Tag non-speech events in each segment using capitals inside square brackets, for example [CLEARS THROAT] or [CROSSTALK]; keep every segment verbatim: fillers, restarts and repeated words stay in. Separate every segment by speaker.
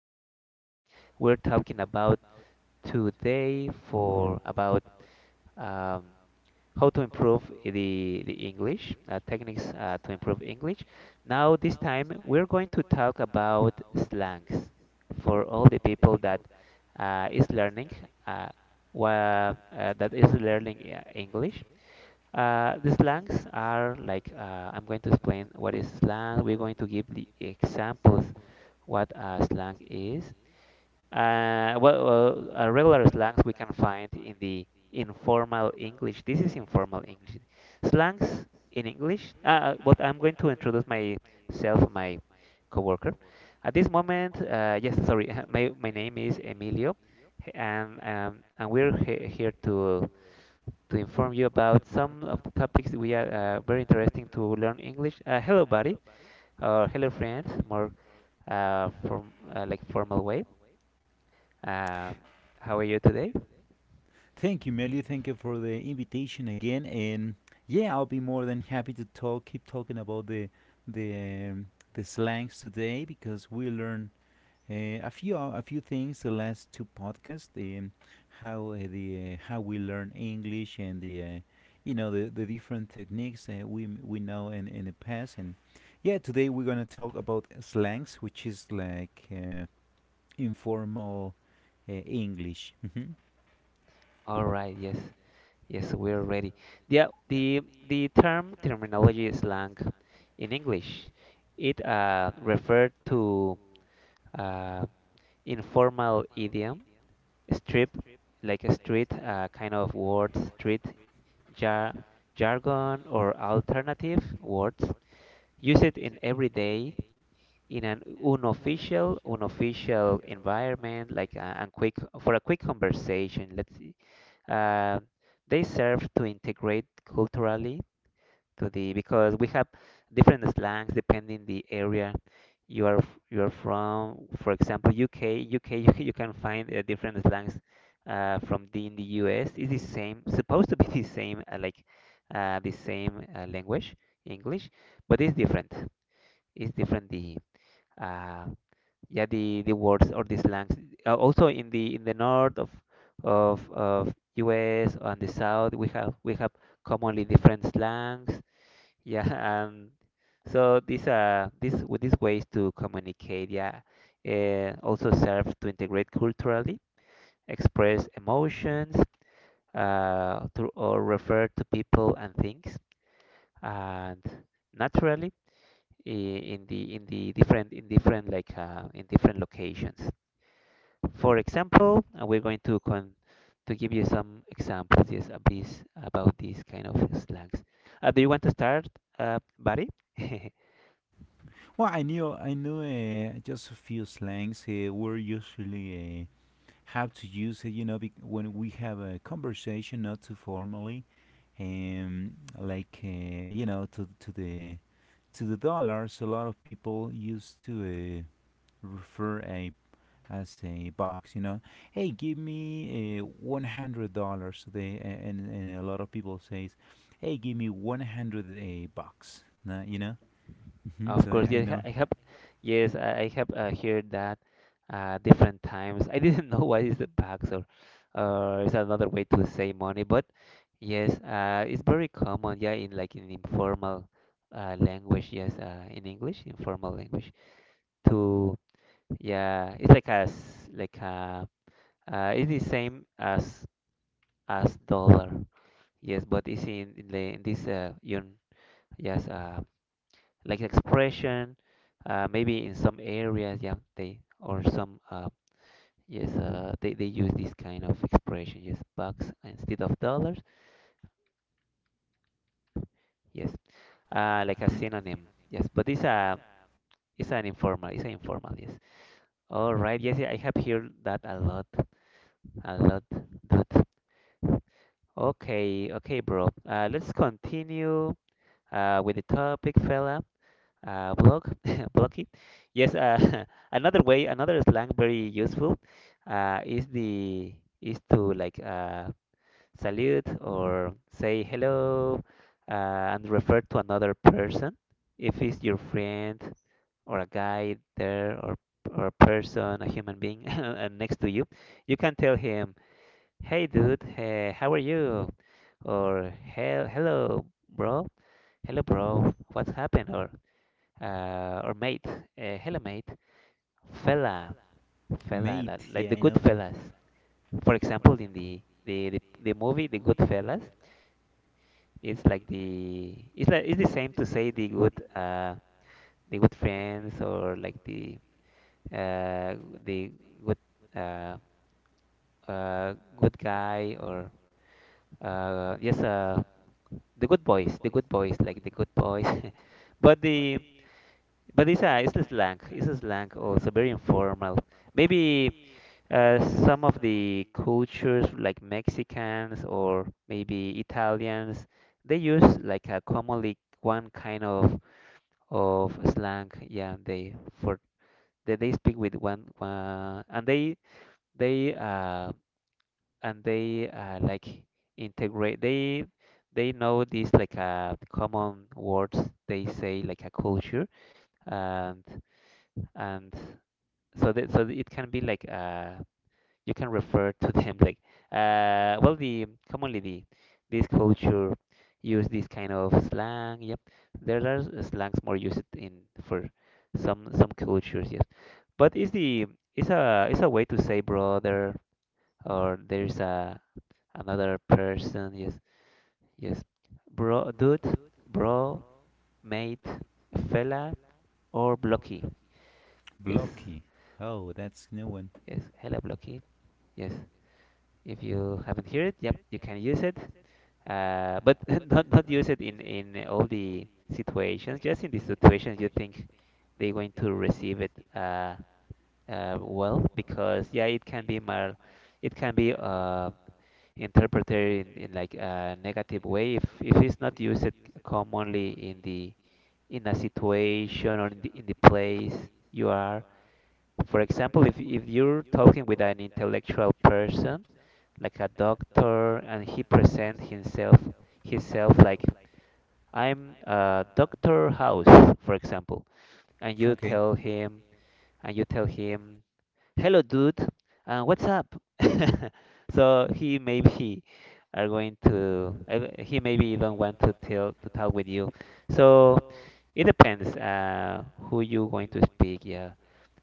Speaker 1: podcast. We're talking about today for about um, how to improve the the English uh, techniques uh, to improve English. Now this time we're going to talk about slangs for all the people that uh, is learning uh, wha- uh, that is learning uh, English. Uh, the slangs are like uh, I'm going to explain what is slang. We're going to give the examples what a slang is. Uh, what uh, uh, Regular slangs we can find in the informal English. This is informal English. Slangs in English. Uh, uh, but I'm going to introduce myself, my coworker. At this moment, uh, yes, sorry, [LAUGHS] my my name is Emilio, and um, and we're he here to to inform you about some of the topics we are uh, very interesting to learn English. Uh, hello, buddy, or hello, friends, more uh, from uh, like formal way. Um, how are you today?
Speaker 2: Thank you, Melio. Thank you for the invitation again. And yeah, I'll be more than happy to talk, keep talking about the the um, the slangs today because we learned uh, a few a few things the last two podcasts. Um, how uh, the uh, how we learn English and the uh, you know the, the different techniques, uh, we m- we know in in the past. And yeah, today we're gonna talk about slangs, which is like uh, informal uh, English. [LAUGHS]
Speaker 1: All right, yes, yes, we're ready. Yeah, the the term terminology is slang in English. It uh, referred to uh, informal idiom, strip, like a street uh, kind of word, street jar- jargon or alternative words. Use it in everyday, in an unofficial, unofficial environment, like a, and quick for a quick conversation. Let's see. Uh, they serve to integrate culturally to the because we have different slangs depending the area you are f- you are from. For example, U K, U K, [LAUGHS] you, you can find uh, different slangs uh, from the in the U S. It's the same, supposed to be [LAUGHS] the same, uh, like uh, the same uh, language, English, but it's different. It's different the uh, yeah the the words or the slangs. Uh, also in the in the north of of of U S and the south, we have we have commonly different slangs yeah, um, so these uh these with these ways to communicate, yeah, uh, also serve to integrate culturally, express emotions, uh, to, or refer to people and things, and naturally I- in the in the different in different like uh, in different locations. For example, uh, we're going to con to give you some examples, yes, of this about these kind of slangs. Uh, do you want to start, uh, Barry? [LAUGHS]
Speaker 2: Well, I knew I knew uh, just a few slangs, uh, we're usually, uh, how to use it, you know, bec- when we have a conversation, not too formally, um, like uh, you know, to to the to the dollars. A lot of people used to uh, refer a as a box, you know, hey, give me uh, one hundred dollars. so They a- and and a lot of people says, hey, give me one hundred a bucks. Nah, you know, hmm
Speaker 1: Of
Speaker 2: so I,
Speaker 1: course,
Speaker 2: I
Speaker 1: yes,
Speaker 2: know.
Speaker 1: I have, yes, I I have uh, heard that uh, different times. I [LAUGHS] didn't know what is the tax or, or is another way to say money, but yes, uh, it's very common, yeah, in like in informal uh, language, yes, uh, in English, informal language. To yeah, it's like a s- like a uh, it's the same as as dollar, yes, but it's in, in the in this uh, un, yes, uh, like expression uh, maybe in some areas yeah they or some uh, yes uh, they, they use this kind of expression yes bucks instead of dollars yes uh, like a
Speaker 2: Mhm.
Speaker 1: synonym yes but it's a it's an informal it's an informal yes all right yes I have heard that a lot a lot that okay okay bro uh, let's continue uh, with the topic fella uh, block [LAUGHS] blocky. Yes, uh, [LAUGHS] another way, another slang very useful uh, is the is to like uh, salute or say hello uh, and refer to another person if it's your friend or a guy there or or a person, a human being [LAUGHS] uh, next to you. You can tell him, "Hey, dude, hey, how are you?" Or "Hell, hello, bro, hello, bro, what's happened?" Or uh, or mate, uh, hello mate, fella, fella, like,
Speaker 2: Mate,
Speaker 1: like
Speaker 2: yeah,
Speaker 1: the
Speaker 2: I
Speaker 1: good
Speaker 2: know that.
Speaker 1: fellas. For example, in the the, the, the movie The Good Fellas, it's like the it's like it's the same to say the good uh the good friends or like the uh the good uh uh good guy or uh yes uh the good boys the good boys like the good boys [LAUGHS] but the but it's a it's a slang it's a slang also very informal maybe. Uh, some of the cultures, like Mexicans or maybe Italians, they use like a commonly one kind of of slang. Yeah, they for they, they speak with one, one and they they uh and they uh like integrate. They they know these like uh common words they say like a culture and and so that so it can be like uh you can refer to them like uh, well the commonly the this culture use this kind of slang yep there are slangs more used in for some some cultures yes but is the it's a it's a way to say brother or there's a another person yes yes bro dude bro mate fella or blocky yes
Speaker 2: Blocky. Oh, that's new one.
Speaker 1: yes hello blocky yes if you haven't heard it yep you can use it. Uh, but [LAUGHS] not not use it in in all the situations. Just in the situations you think they're going to receive it uh, uh, well, because yeah, it can be mal, it can be uh, interpreted in, in like a negative way if if it's not used commonly in the in a situation or in the in the place you are. For example, if if you're talking with an intellectual person like a doctor and he present himself himself like I'm uh, Doctor House, for example, and you
Speaker 2: Okay.
Speaker 1: tell him, and you tell him, hello, dude, uh, what's up? [LAUGHS] So he maybe are going to, uh, he maybe even want to tell to talk with you. So it depends uh, who you going to speak. Yeah,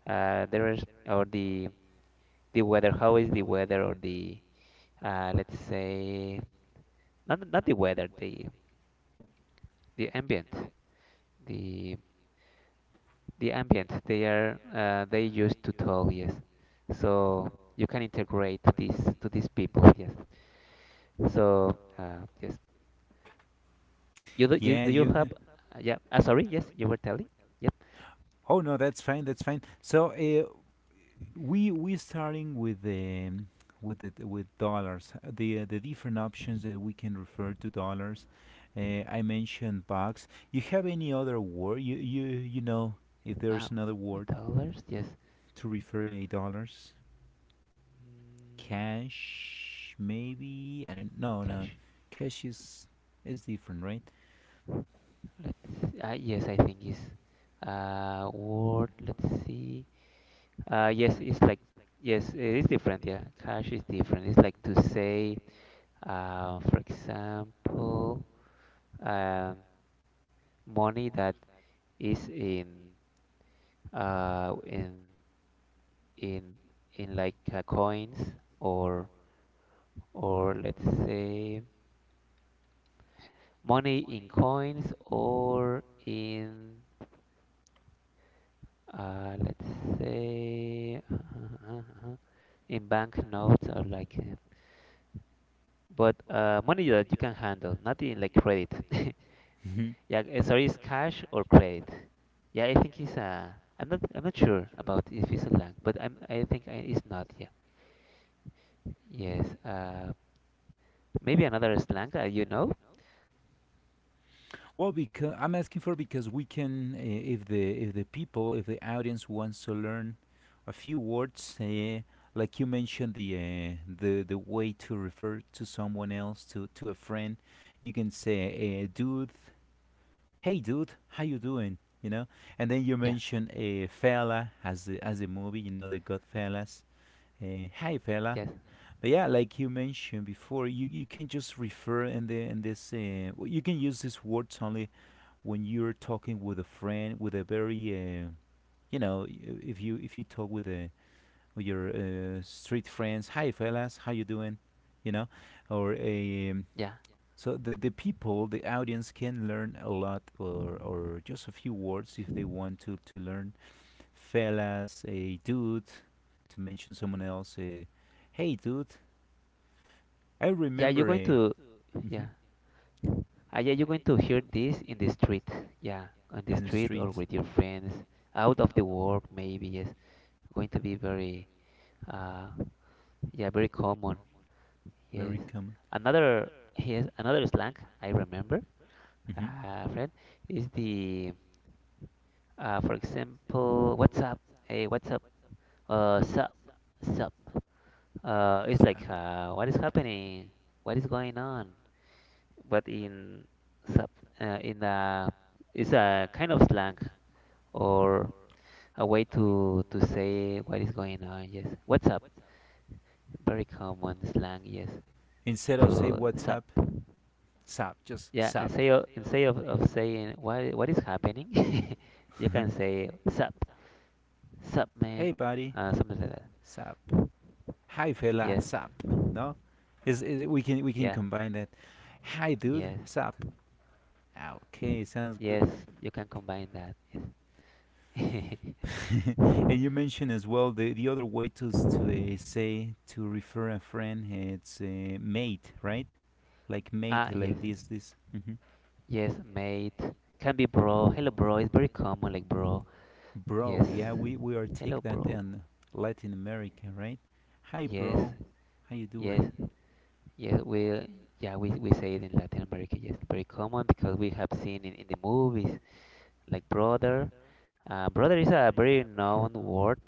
Speaker 1: uh, there is or the the weather. How is the weather or the uh, let's say not not the weather, the the ambient, the the ambient they are uh, they use to talk yes so you can integrate this to these people yes so uh, yes you do you
Speaker 2: Yeah,
Speaker 1: do you
Speaker 2: you. ha-
Speaker 1: have uh, yeah ah sorry yes you were telling yep
Speaker 2: Oh no, that's fine. That's fine. So uh, we we starting with the with the, with dollars. uh, The uh, the different options that we can refer to dollars. Uh, I mentioned bucks. You have any other word? You you you know if there's
Speaker 1: ah
Speaker 2: another
Speaker 1: with
Speaker 2: word
Speaker 1: dollars yes
Speaker 2: to refer a dollars?
Speaker 1: mm,
Speaker 2: Cash, maybe? I don't, no, no.
Speaker 1: cash
Speaker 2: Cash is is different, right?
Speaker 1: let's uh, yes I think is uh word let's see uh yes it's like yes it's different yeah cash is different it's like to say uh for example um money that is in uh in in in like uh, coins or or let's say money in coins or in uh let's say [LAUGHS] in banknotes or like uh, but uh money that you can handle not in like credit [LAUGHS]
Speaker 2: Mhm.
Speaker 1: yeah uh, sorry it's cash or credit yeah I think it's uh I'm not i'm not sure about if it's a land but I'm I think I, it's not yeah. Yes. Uh, maybe another slang that you know.
Speaker 2: Well, because I'm asking for because we can, uh, if the if the people, if the audience wants to learn a few words, uh, like you mentioned, the uh, the the way to refer to someone else, to to a friend, you can say, uh, "Dude, hey, dude, how you doing?" You know, and then you
Speaker 1: Yeah.
Speaker 2: mention a fella as the as the movie, you know, they got fellas. Uh, hi, fella.
Speaker 1: Yes.
Speaker 2: But yeah, like you mentioned before, you, you can just refer, in the in this uh, w- you can use these words only when you're talking with a friend, with a very uh, you know y- if you if you talk with a with your uh, street friends, hi fellas, how you doing, you know, or a,
Speaker 1: Yeah.
Speaker 2: so the the people the audience can learn a lot, or or just a few words if they want to to learn fellas, a dude, to mention someone else. Uh, hey dude, I
Speaker 1: Yeah. You're
Speaker 2: remember
Speaker 1: going
Speaker 2: a,
Speaker 1: to.
Speaker 2: mhm,
Speaker 1: Yeah. Uh, yeah. You're going to hear this in the street. Yeah. On the
Speaker 2: and the
Speaker 1: street or
Speaker 2: streets,
Speaker 1: with your friends, out of the work, maybe. Yes. Going to be very. Uh, yeah. Very common.
Speaker 2: very
Speaker 1: Yes.
Speaker 2: common.
Speaker 1: Another. Yes. Another slang I remember.
Speaker 2: Mhm.
Speaker 1: Uh, friend is the. Uh, for example, what's up? Hey, what's up? Uh, sup, sup. Uh, it's like
Speaker 2: Sap.
Speaker 1: uh, what is happening, what is going on, but in sub uh, in a it's a kind of slang or a way to to say what is going on. Yes, what's up? Very common slang. Yes,
Speaker 2: Instead of say
Speaker 1: to
Speaker 2: what's
Speaker 1: sub.
Speaker 2: up, sap, just
Speaker 1: Yeah, and
Speaker 2: sap.
Speaker 1: say o- instead of, of saying what what is happening, [LAUGHS] you
Speaker 2: [LAUGHS]
Speaker 1: can say sup, sup
Speaker 2: Hey
Speaker 1: man,
Speaker 2: buddy,
Speaker 1: uh, something like
Speaker 2: sap.
Speaker 1: that.
Speaker 2: Hi fella,
Speaker 1: Yes,
Speaker 2: sap. No, is is we can we can
Speaker 1: yeah,
Speaker 2: combine that. Hi dude,
Speaker 1: yes,
Speaker 2: sap. Ah, okay, sounds good.
Speaker 1: yes. You can combine that. Yes. [LAUGHS]
Speaker 2: [LAUGHS]
Speaker 1: Ah,
Speaker 2: And you mentioned as well the, the other way, to s- to uh, say, to refer a friend. uh, It's uh, mate, right? Like mate,
Speaker 1: yes,
Speaker 2: like this this. Hmm.
Speaker 1: yes, mate. Can be bro. Hello, bro. It's very common, like bro.
Speaker 2: Bro,
Speaker 1: Yes.
Speaker 2: yeah, we we are
Speaker 1: Hello,
Speaker 2: take that
Speaker 1: bro.
Speaker 2: in Latin America, right? Hi,
Speaker 1: Yes,
Speaker 2: bro. How you
Speaker 1: yes,
Speaker 2: doing?
Speaker 1: yes. We, yeah, we we say it in Latin America. Yes, very common because we have seen in, in the movies, like brother. Uh, brother is a very known word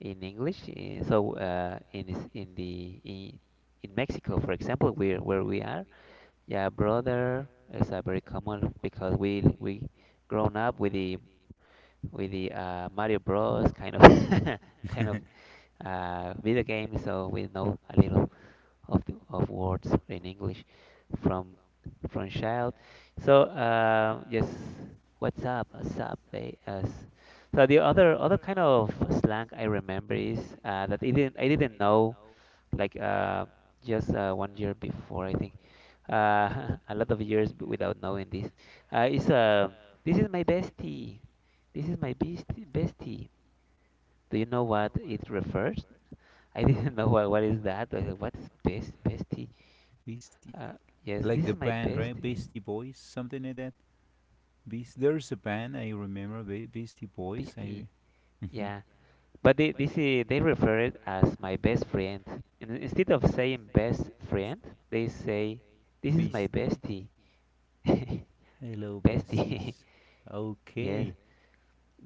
Speaker 1: in English. eh, So, uh, in is- in the in, in Mexico, for example, where where we are, yeah, brother is a very common because we we grown up with the with the uh, Mario Bros. Kind of [LAUGHS] kind of
Speaker 2: [LAUGHS]
Speaker 1: uh, video game, so we know a little of the, of words in English from from child. So uh, yes, what's up? What's up? eh, uh, So the other other kind of slang I remember is uh, that I didn't I didn't know like uh, just uh, one year before, I think. Uh, [LAUGHS] a lot of years b- without knowing this. Uh, it's uh, this is my bestie. This is my bestie. Bestie. Do you know what it refers? I didn't [LAUGHS] know what, what is that. I said, what is best bestie?
Speaker 2: Beastie.
Speaker 1: Uh, yes,
Speaker 2: Like
Speaker 1: this
Speaker 2: the
Speaker 1: is my
Speaker 2: band,
Speaker 1: best
Speaker 2: right? Beastie Boys, something like that. Beast. There's a band I remember, Be- Beastie Boys.
Speaker 1: bestie.
Speaker 2: I. Mhm.
Speaker 1: Yeah, but they this is, they refer it as my best friend. And instead of saying best friend, they say this is my
Speaker 2: Beast.
Speaker 1: bestie. [LAUGHS]
Speaker 2: Hello,
Speaker 1: Bestie.
Speaker 2: besties.
Speaker 1: [LAUGHS] Yes.
Speaker 2: Okay.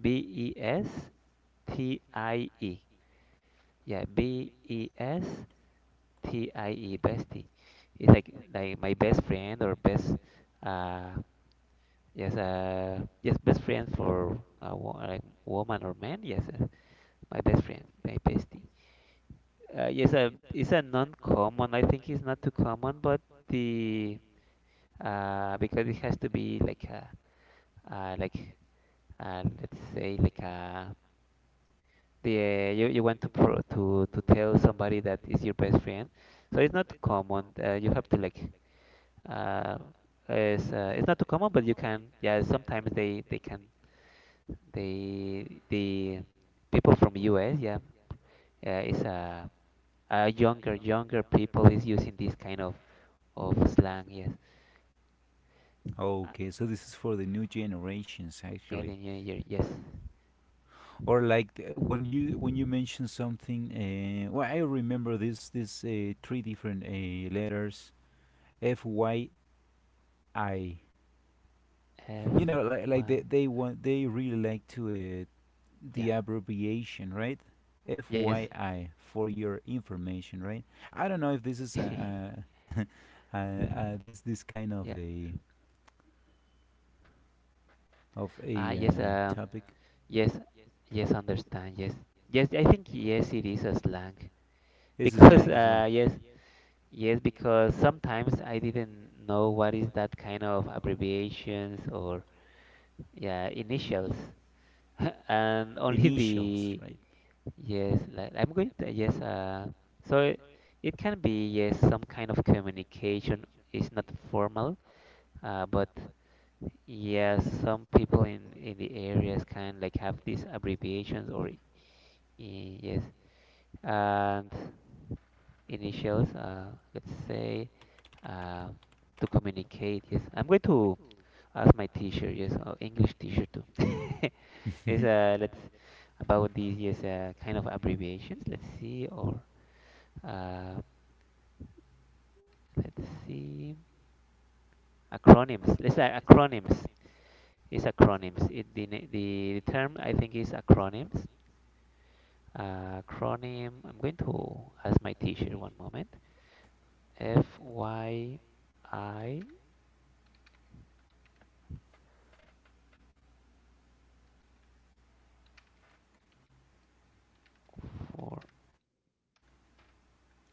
Speaker 1: B E S T I E. Yeah, B E S T I E, bestie. It's like like my best friend or best uh yes uh yes best friend for a wo like woman or man. Yes, uh, my best friend, my bestie. Uh, yes, uh, it's a non-common. I think it's not too common, but the uh because it has to be like a, uh like, uh let's say like a. Yeah, you, you want to pro to to tell somebody that is your best friend. So it's not common. Uh, you have to like, uh, it's uh, it's not too common, but you can. Yeah, sometimes they they can, they the people from U S. Yeah, uh, is, uh, uh younger younger people is using this kind of of slang. Yes. Uh,
Speaker 2: Okay, so this is for the new generations,
Speaker 1: yeah,
Speaker 2: actually.
Speaker 1: the new year. Yes.
Speaker 2: Or like th- when you when you mention something, uh, well, I remember this this uh, three different uh, letters, F Y I.
Speaker 1: F
Speaker 2: You know, like, like they
Speaker 1: Y.
Speaker 2: they want they really like to uh, the
Speaker 1: Yeah.
Speaker 2: abbreviation, right?
Speaker 1: Yes.
Speaker 2: F Y I, for your information, right? I don't know if this is a,
Speaker 1: [LAUGHS]
Speaker 2: a, [LAUGHS] a, a this this kind of
Speaker 1: Yeah.
Speaker 2: a of
Speaker 1: Ah,
Speaker 2: a
Speaker 1: yes.
Speaker 2: uh,
Speaker 1: Um,
Speaker 2: topic.
Speaker 1: Yes, yes, understand. Yes, yes, I think yes, it is a slang, [LAUGHS]
Speaker 2: This is
Speaker 1: because
Speaker 2: slang as well.
Speaker 1: uh, yes, yes, because sometimes I didn't know what is that kind of abbreviations or, yeah, initials, [LAUGHS] and only
Speaker 2: Initials,
Speaker 1: the,
Speaker 2: right?
Speaker 1: yes, like I'm going to, yes, uh, so it, it can be, yes, some kind of communication is not formal, uh, but yeah, some people in in the areas kind like have these abbreviations or, i- yes, and initials. Uh, let's say, uh, to communicate. Yes, I'm going to ask my teacher. Yes, uh, English teacher too. [LAUGHS] Yes,
Speaker 2: [LAUGHS]
Speaker 1: uh, let's about these. Yes, uh, kind of abbreviations. Let's see, or uh, let's see acronyms. Let's say acronyms. It's acronyms. It, the, na- the term I think is acronyms. Uh, acronym. I'm going to ask my teacher one moment. F Y I for...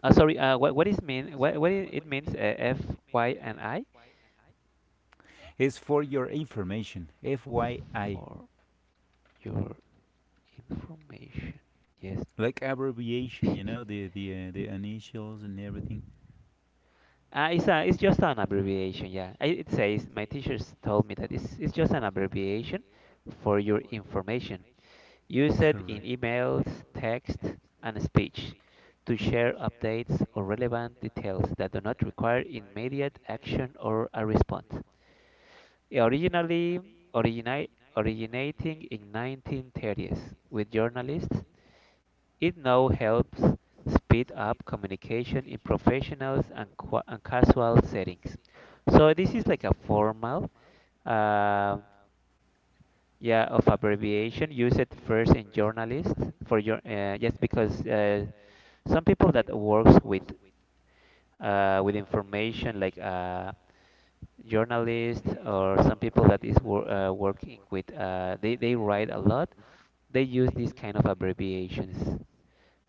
Speaker 1: Uh, sorry, uh, what, what is mean? What, what it it means? Uh, F, Y, and I?
Speaker 2: It's for your information, F Y I,
Speaker 1: For your information. Yes.
Speaker 2: like abbreviation, you know,
Speaker 1: [LAUGHS]
Speaker 2: the the uh, the initials and everything.
Speaker 1: Uh, it's a, it's just an abbreviation. Yeah. I, it says my teachers told me that it's it's just an abbreviation for your information. Use it in
Speaker 2: Correct. Relevant
Speaker 1: emails,
Speaker 2: details
Speaker 1: text, and speech to share updates or relevant details that do not
Speaker 2: that do not
Speaker 1: require
Speaker 2: require
Speaker 1: immediate
Speaker 2: immediate
Speaker 1: action
Speaker 2: action
Speaker 1: or a
Speaker 2: or a
Speaker 1: response.
Speaker 2: response.
Speaker 1: Originally originate, originating in nineteen thirties with journalists, it now helps speed up communication in professionals and, qua and casual settings. So this is like a formal, uh, yeah, of abbreviation used first in journalists for your, uh, yes, because, uh, some people that works with, uh, with information like, uh, journalists or some people that is wor- uh, working with, uh, they, they write a lot, they use these kind of abbreviations.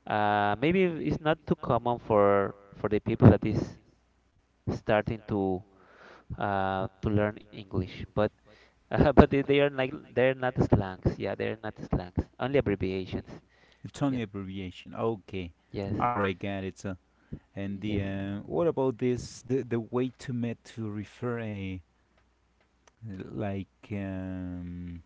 Speaker 1: uh, Maybe it's not too common for for the people that is starting to, uh, to learn english, but [LAUGHS] uh, but they, they are like, they're not slangs, yeah, they're not slangs, only abbreviations.
Speaker 2: It's
Speaker 1: Yep.
Speaker 2: only abbreviation. Okay.
Speaker 1: Yes,
Speaker 2: All right, got it. So, and the
Speaker 1: yes.
Speaker 2: uh, what about this? The the way to met to refer a, like, um,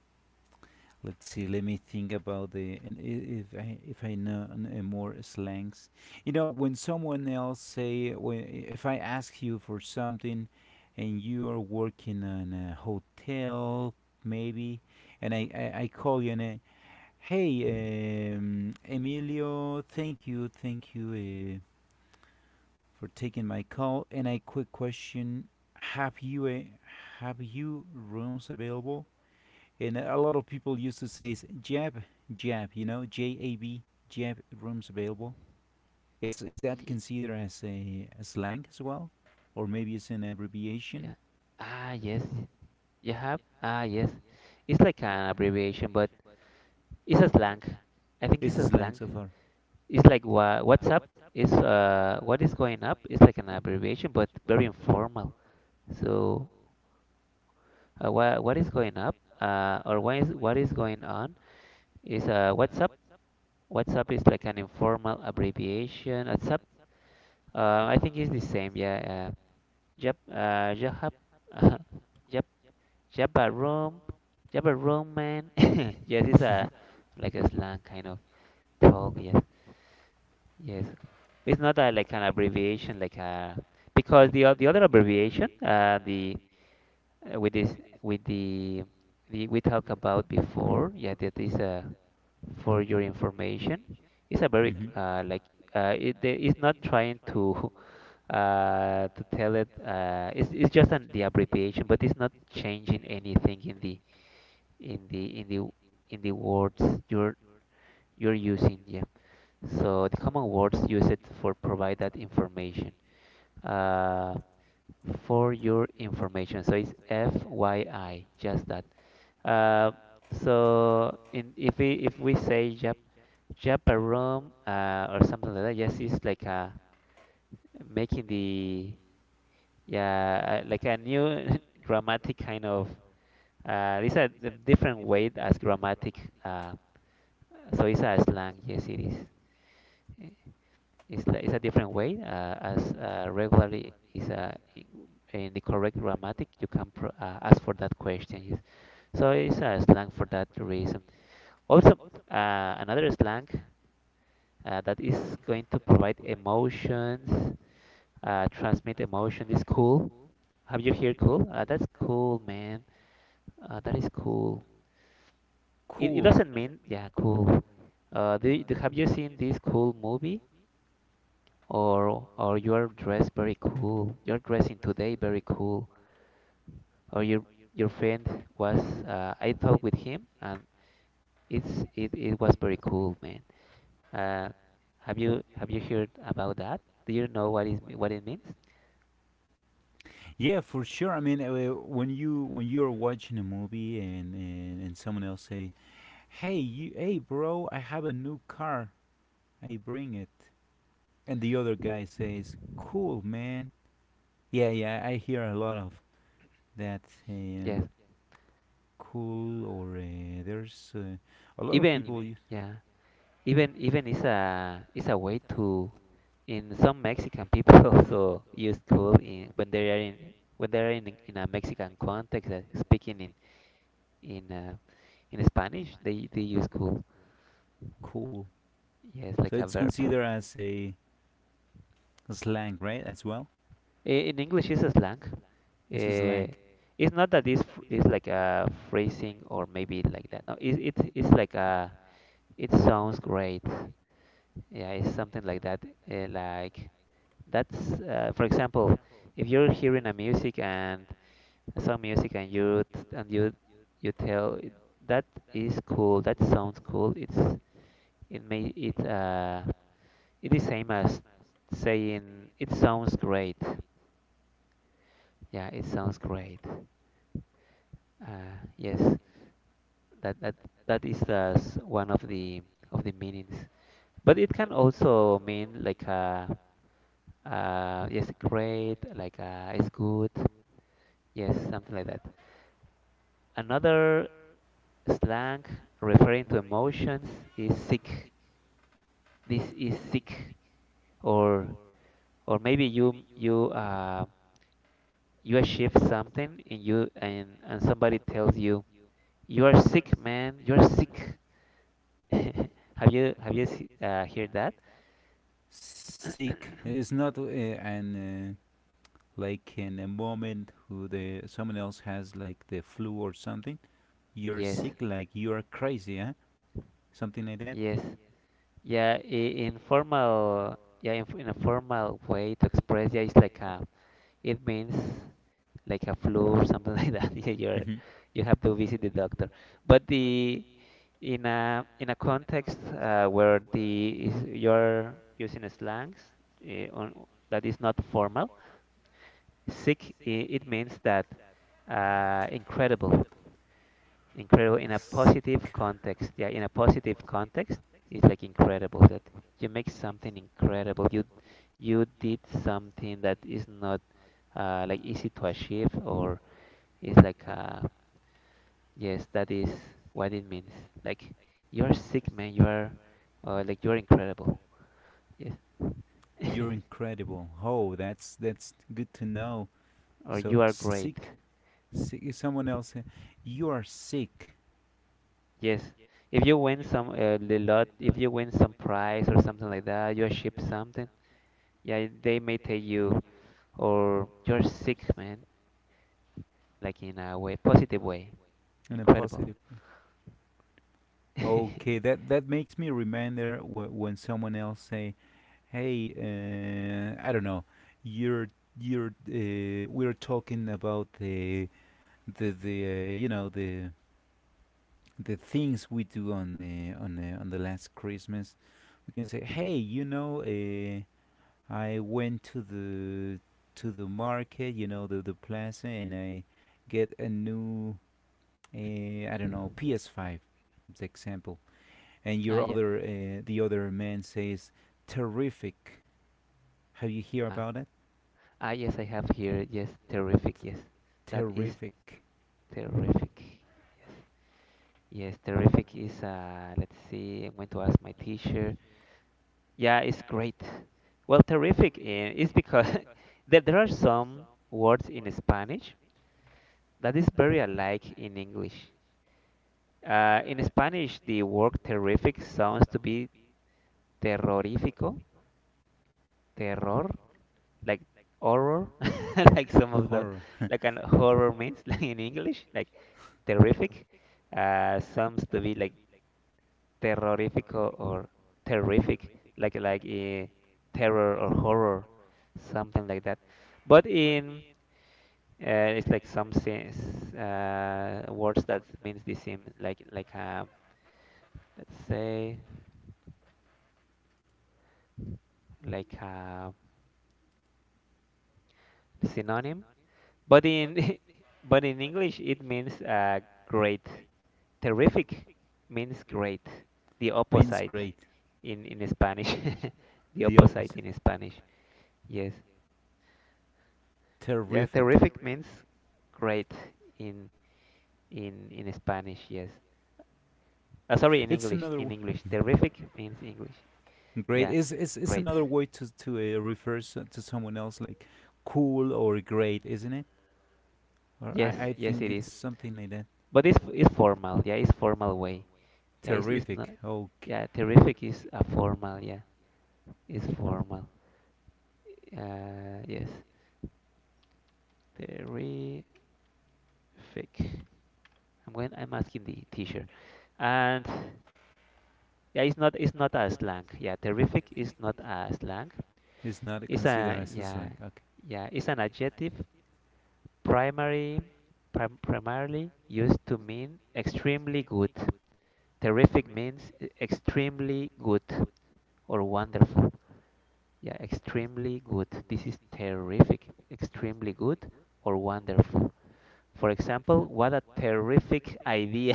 Speaker 2: let's see. Let me think about the and i- if I if I know, n- uh, more slangs. You know, when someone else say, when if I ask you for something, and you are working on a hotel maybe, and I I, I call you and I, "Hey, um, Emilio, thank you, thank you, uh, for taking my call. And a quick question: Have you uh, have you rooms available?" And a lot of people used to say is "jab, jab," you know, J A B, jab rooms available. It's Is that
Speaker 1: Ye-
Speaker 2: considered as a, a slang as well, or maybe it's an abbreviation?
Speaker 1: yeah. Ah, yes, you have. Ah, yes, it's like an abbreviation, but it's a slang. I think it's
Speaker 2: It's a
Speaker 1: a
Speaker 2: slang
Speaker 1: slang.
Speaker 2: so far. [LAUGHS]
Speaker 1: It's like, wha what's up is, uh what is going up is like an abbreviation but very informal. So, uh, what what is going up, uh or what is what is going on is, uh what's up. What's up is like an informal abbreviation. What's up? Uh, I think it's the same. Yeah. Uh, Jab, uh Jab, [LAUGHS] Jab, Jabba room, Jabba room man. [LAUGHS] Yes, it's a like a slang kind of talk. Yes. Yes, it's not a, like an abbreviation, like a, because the o- the other abbreviation, uh, the, uh, with this with the the we talked about before, yeah, that is, uh, for your information. It's a very,
Speaker 2: Mhm.
Speaker 1: uh, like, uh, it they- it's not trying to [LAUGHS] uh to tell it, uh it's it's just an the abbreviation, but it's not changing anything in the in the in the in the words you're you're using, yeah. So the common words used for provide that information. Uh, for your information. So it's F Y I, just that. Uh, so, in if we, if we say Jap, Japarum, uh, or something like that, yes, it's like, uh, making the, yeah, uh, like a new [LAUGHS] grammatic kind of, uh, these are the different way as grammatic. Uh, so it's a slang. Yes, it is. It's like, it's a different way. Uh, as, uh, regularly is, uh, i- in the correct grammatic, you can, pro uh, ask for that question. Yes. So it's a slang for that reason. Also, uh, another slang, uh, that is going to provide emotions, uh, transmit emotion is cool. Have you heard cool? Uh, that's cool, man. Uh, that is cool. It, it
Speaker 2: Cool.
Speaker 1: doesn't mean, yeah, cool. Uh, do, you- do, have you seen this cool movie? or or you are dressed very cool. You're dressing today very cool. Or your your friend, was uh, I talked with him, and it's it, it was very cool, man. Uh, have you have you heard about that? Do you know what is what it means?
Speaker 2: Yeah, for sure. I mean, uh, when you when you're watching a movie, and, and and someone else say, "Hey, you, hey, bro, I have a new car. I bring it," and the other guy says, "Cool, man." Yeah, yeah. I hear a lot of that. Um,
Speaker 1: Yes.
Speaker 2: cool, or uh, there's uh, a lot of people
Speaker 1: Even,
Speaker 2: use
Speaker 1: yeah. Even even is a is a way to, in some Mexican people [LAUGHS] also use cool in, when they are in when they are in in a Mexican context, uh, speaking in in uh, in Spanish, they they use cool.
Speaker 2: cool.
Speaker 1: Yeah, it's
Speaker 2: So
Speaker 1: like a
Speaker 2: it's
Speaker 1: verb.
Speaker 2: considered as a slang, right? As well,
Speaker 1: I- In English, it's a slang.
Speaker 2: it's a
Speaker 1: Uh,
Speaker 2: slang.
Speaker 1: it's not that this fr- is like a phrasing or maybe like that. No, it, it it's like a, it sounds great. Yeah, it's something like that. Uh, like that's, uh, for example, if you're hearing a music and some music, and you t- and you you tell, "It- that is cool, that sounds cool." It's it may it uh It is same as saying it sounds great. Yeah, it sounds great. Uh, yes, that that that is, uh, one of the of the meanings. But it can also mean like, uh, uh, yes, great, like, uh, it's good. Yes, something like that. Another slang referring to emotions is sick. This is sick, or or maybe you you uh you achieve something, and you and and somebody tells you, you are sick, man. You are sick. [LAUGHS] Have you have you se- uh, heard that?
Speaker 2: Sick.
Speaker 1: [COUGHS]
Speaker 2: It's not, uh, an, uh, like, in a moment who the someone else has like the flu or something, you're
Speaker 1: Yes,
Speaker 2: sick, like you are crazy, huh? Something like that.
Speaker 1: yes, yeah. i- In formal, yeah, in, f- in a formal way to express, yeah, it's like a, it means like a flu or something [LAUGHS] like that. Yeah, you're,
Speaker 2: Mhm.
Speaker 1: you have to visit the doctor. But the in a in a context, uh, where the is, you're using slangs, uh, on that is not formal. Sick, i- it means that, uh, incredible, incredible in a
Speaker 2: Sick.
Speaker 1: positive context. Yeah, in a positive context, it's like incredible that you make something incredible. You you did something that is not, uh, like easy to achieve, or is like, uh, yes, that is what it means. Like you are sick, man. You are uh, Like you are incredible. Yes,
Speaker 2: You're incredible. Oh, that's that's good to know.
Speaker 1: [LAUGHS] or
Speaker 2: So, or you
Speaker 1: you are great.
Speaker 2: sick, sick is someone else. uh, You are sick
Speaker 1: Yes. If you win some, uh, the lot, if you win some prize or something like that, you achieve something. Yeah, they may take you, or you're sick, man. Like in a way, positive way.
Speaker 2: in a
Speaker 1: Incredible.
Speaker 2: positive. Okay,
Speaker 1: [LAUGHS]
Speaker 2: that that makes me remember, wh- when someone else say, "Hey, uh, I don't know, you're you're uh, we're talking about the the the uh, you know the the things we do on the on the, on the last Christmas." We can say, "Hey, you know, uh, I went to the to the market, you know, the the plaza, and I get a new, uh, I don't know, P S five, as example." And
Speaker 1: Ah,
Speaker 2: your
Speaker 1: yeah.
Speaker 2: other uh, the other man says, "Terrific." Have you hear
Speaker 1: Ah,
Speaker 2: about it?
Speaker 1: ah, yes, I have here. Yes, terrific. Yes, that is
Speaker 2: Terrific.
Speaker 1: terrific. Yes, yes, terrific is. Uh, let's see. I'm going to ask my teacher. Yeah, it's great. Well, terrific, eh, is because, [LAUGHS] there there are some words in Spanish that is very alike in English. Uh, in Spanish, the word terrific sounds to be terrorífico, terror, like horror, [LAUGHS] like some
Speaker 2: [LAUGHS]
Speaker 1: of the,
Speaker 2: Horror.
Speaker 1: like an horror means [LAUGHS] like in English, like terrific, uh, sounds to be like terrorífico or terrific, like, like uh, terror or horror, something like that. But in uh, it's like some sen- uh, words that means the same, like, like um let's say like a synonym, but in, [LAUGHS] but in english it means, uh, great. Terrific means great, the
Speaker 2: [LAUGHS] Means
Speaker 1: opposite,
Speaker 2: great.
Speaker 1: in in spanish. [LAUGHS] The
Speaker 2: The
Speaker 1: opposite
Speaker 2: opposite.
Speaker 1: in spanish. Yes, yeah,
Speaker 2: Terrific.
Speaker 1: terrific means great in in in spanish. Yes, uh, sorry, in
Speaker 2: It's
Speaker 1: english,
Speaker 2: another
Speaker 1: in
Speaker 2: w-
Speaker 1: english terrific means english,
Speaker 2: great.
Speaker 1: yeah,
Speaker 2: Is is It's
Speaker 1: great.
Speaker 2: another way to to uh, refer to someone else like cool or great, isn't it? Or
Speaker 1: Yes,
Speaker 2: I I
Speaker 1: yes,
Speaker 2: think
Speaker 1: it
Speaker 2: it's
Speaker 1: is,
Speaker 2: something like that.
Speaker 1: but it's it's formal, yeah, it's formal way. Yeah, it's, it's not.
Speaker 2: Terrific. Okay,
Speaker 1: Yeah, terrific is a formal. Yeah, it's formal. Uh, yes, terrific. I'm going. I'm asking the teacher, and yeah, it's not. It's not a slang. Yeah, terrific is not a slang.
Speaker 2: it's not
Speaker 1: It's
Speaker 2: considered
Speaker 1: a,
Speaker 2: as a
Speaker 1: yeah,
Speaker 2: slang. Okay.
Speaker 1: yeah. It's an adjective, primary, prim primarily used to mean extremely good. Terrific means e- extremely good or wonderful. Yeah, extremely good. This is terrific. Extremely good or wonderful. For example, what a terrific idea.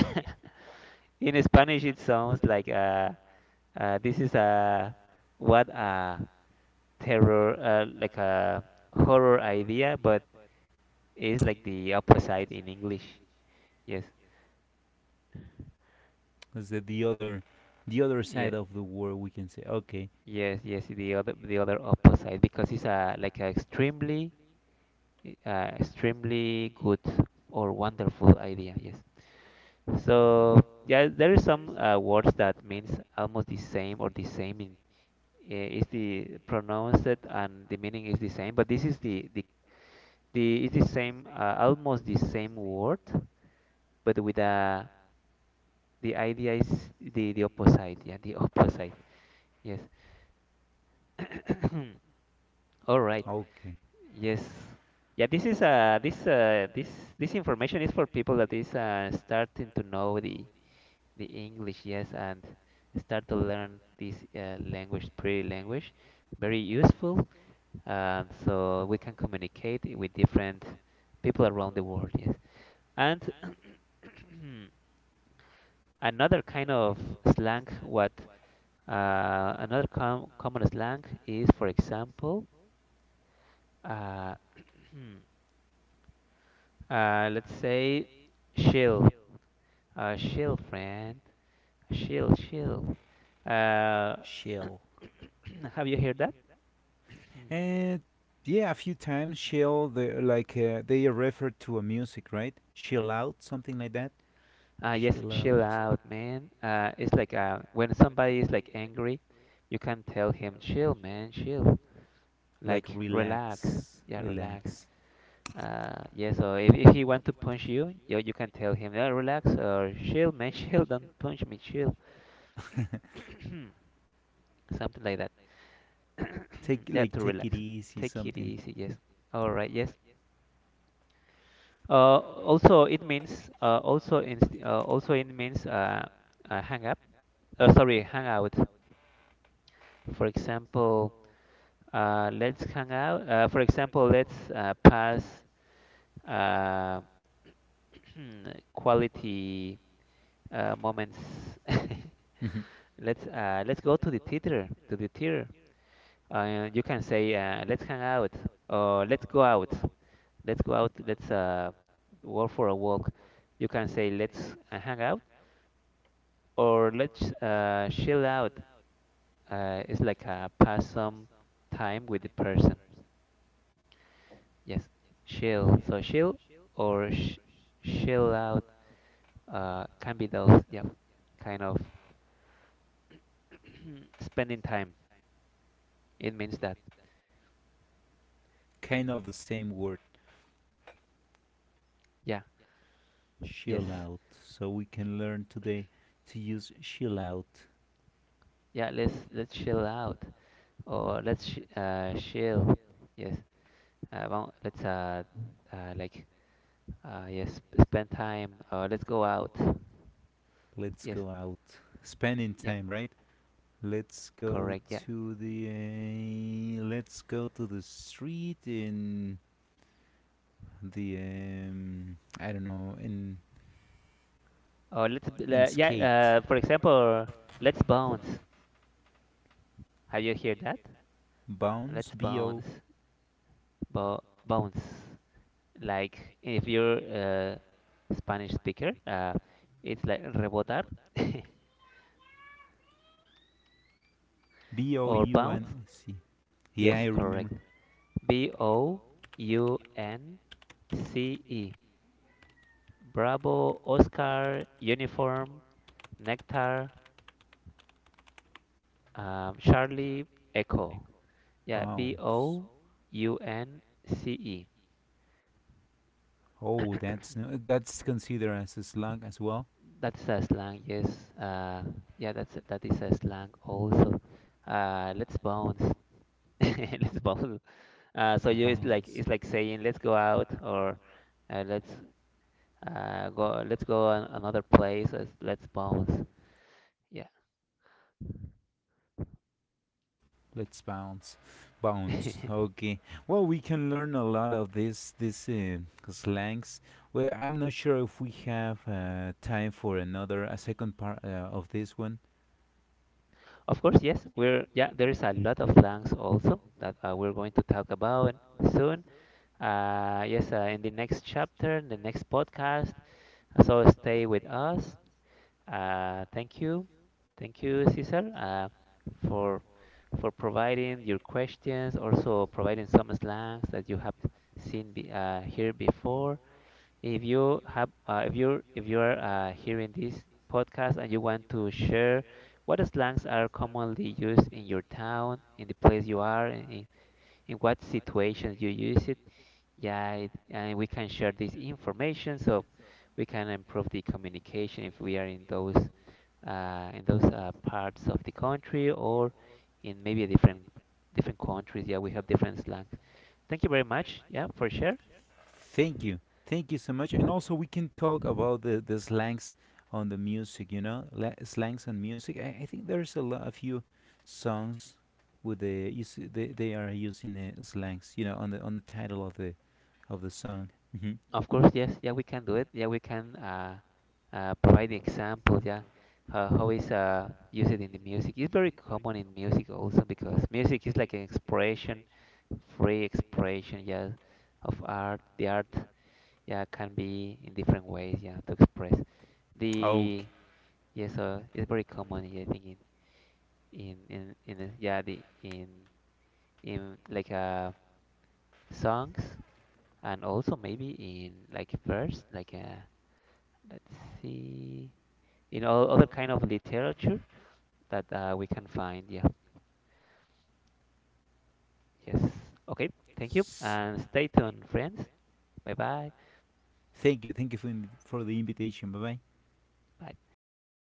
Speaker 1: [LAUGHS] In Spanish, it sounds like, uh, uh, this is a, what a terror, uh, like a horror idea, but it's like the opposite in English. Yes,
Speaker 2: That's the, the other the other
Speaker 1: yeah,
Speaker 2: side of the word, we can say. Okay.
Speaker 1: yes, yes. The other, the other opposite, because it's a like a extremely, uh, extremely good or wonderful idea. Yes. So yeah, there is some, uh, words that means almost the same or the same in, eh, is the pronounced and the meaning is the same, but this is the the the is the same, uh, almost the same word, but with a, the idea is the the opposite. Yeah, the [LAUGHS] opposite. Yes. [COUGHS] All right.
Speaker 2: Okay.
Speaker 1: Yes. Yeah, this is uh this uh this this information is for people that is uh starting to know the the English, yes, and start to learn this uh, language, pretty language, very useful. Um, so we can communicate with different people around the world, yes. And [CLEARS THROAT] another kind of slang, what uh, another com common slang is, for example, uh, [CLEARS THROAT] uh, let's say chill, uh, chill, friend, chill, chill. Uh,
Speaker 2: Right. Shell.
Speaker 1: [CLEARS THROAT] have you heard that?
Speaker 2: And yeah, a few times shell, the like uh, they refer to a music, right? Shell out, something like that.
Speaker 1: Uh, yes,
Speaker 2: Shell
Speaker 1: chill
Speaker 2: out.
Speaker 1: out, man. Uh, it's like uh, when somebody is like angry, you can tell him, chill, man, chill.
Speaker 2: Like
Speaker 1: Like relax.
Speaker 2: relax.
Speaker 1: Yeah, relax.
Speaker 2: Relax. Relax.
Speaker 1: Uh, yes, or if, if he want to punch you, you, you can tell him, yeah, relax or chill, man, [LAUGHS] chill. Don't punch me, chill. [CLEARS THROAT] Something like that.
Speaker 2: Take
Speaker 1: [CLEARS THROAT] That
Speaker 2: like
Speaker 1: to
Speaker 2: take it
Speaker 1: relax.
Speaker 2: easy,
Speaker 1: Take it
Speaker 2: something.
Speaker 1: easy. Yes. All right. Yes. Uh, also it means uh, also in uh, also it means uh, uh, hang up. Uh, sorry, hang out. For example, uh, let's hang out. Uh, for example, let's uh, pass uh, [CLEARS THROAT] quality uh, moments.
Speaker 2: Yes. Mhm.
Speaker 1: [LAUGHS] let's uh, let's go to the theater. To the theater. Uh, you can say uh, let's hang out or let's go out. Let's go out. Let's uh, go for a walk. You can say let's uh, hang out or let's uh, chill out. Uh, it's like uh, pass some time with the person. Yes, chill. So chill or sh chill out uh, can be those, yeah, kind of [CLEARS THROAT] spending time. It means that,
Speaker 2: Kind of the same word,
Speaker 1: yeah, yes,
Speaker 2: chill out. So we can learn today to use chill out.
Speaker 1: yeah. Let's let's chill out or let's sh uh, chill. Yes, uh, well, let's uh, uh like uh yes, spend time or let's go out.
Speaker 2: Let's
Speaker 1: Yes,
Speaker 2: go out. Spending
Speaker 1: yeah,
Speaker 2: time, right? Let's go
Speaker 1: correct. Yeah,
Speaker 2: to the uh, let's go to the street, in the um, I don't know, in
Speaker 1: or let's b-
Speaker 2: in
Speaker 1: le- yeah.
Speaker 2: skate.
Speaker 1: Uh, for example, let's bounce. Have you heard that?
Speaker 2: Bounce.
Speaker 1: Let's
Speaker 2: B O
Speaker 1: bounce, bo bounce. Like if you're a Spanish speaker, uh, it's like rebotar [LAUGHS]
Speaker 2: B O
Speaker 1: or
Speaker 2: U N
Speaker 1: bounce.
Speaker 2: C. Yeah, I
Speaker 1: Yes, correct.
Speaker 2: remember.
Speaker 1: B O U N C E. Bravo, Oscar, uniform, nectar, um, Charlie, echo. Yeah, B
Speaker 2: Bounce.
Speaker 1: O U N C E.
Speaker 2: Oh, that's no, that's considered as a slug as well.
Speaker 1: That's a slang, yes. Uh, yeah, that's that is a slang also. Uh, let's bounce. [LAUGHS] Let's bounce. Uh, so you it's like
Speaker 2: Bounce.
Speaker 1: it's like saying let's go out or uh, let's uh, go let's go on another place. Let's, let's bounce. Yeah.
Speaker 2: Let's bounce, bounce.
Speaker 1: [LAUGHS]
Speaker 2: Okay. Well, we can learn a lot of these these uh, slangs. Well, I'm not sure if we have uh, time for another a second part uh, of this one.
Speaker 1: Of course, yes. We're Yeah. There is a lot of slangs also that uh, we're going to talk about soon. Uh, yes, uh, in the next chapter, in the next podcast. So stay with us. Uh, thank you. Thank you, Cesar, uh, for for providing your questions, also providing some slangs that you have seen be, uh, here before. If you have, uh, if you if you are uh, hearing this podcast and you want to share what slangs are commonly used in your town, in the place you are, in, in in what situations you use it, yeah, it, and we can share this information so we can improve the communication if we are in those uh, in those uh, parts of the country or in maybe a different different countries. Yeah, we have different slangs. Thank you very much. Yeah, for sure.
Speaker 2: Thank you, thank you so much. And also, we can talk about the the slangs on the music. You know, La- slangs on music. I, I think there's a lot a few songs with the use they they are using uh, slangs. You know, on the on the title of the of the song. Hmm.
Speaker 1: Of course, yes. Yeah, we can do it. Yeah, we can uh, uh, provide the example. Yeah, how how is uh, use it in the music? It's very common in music also because music is like an expression, free expression. Yeah, of art. The art, yeah, can be in different ways. Yeah, to express
Speaker 2: Okay.
Speaker 1: the yes. Uh, it's very common. Yeah, I think in in in, in the- yeah the in in like uh songs and also maybe in like verse like uh let's see. In all other kind of literature that uh, we can find. Yeah. Yes. Okay. Thank you.
Speaker 2: S-
Speaker 1: And stay tuned, friends. Bye bye.
Speaker 2: Thank you. Thank you for, in- for the invitation. Bye bye.
Speaker 1: Bye.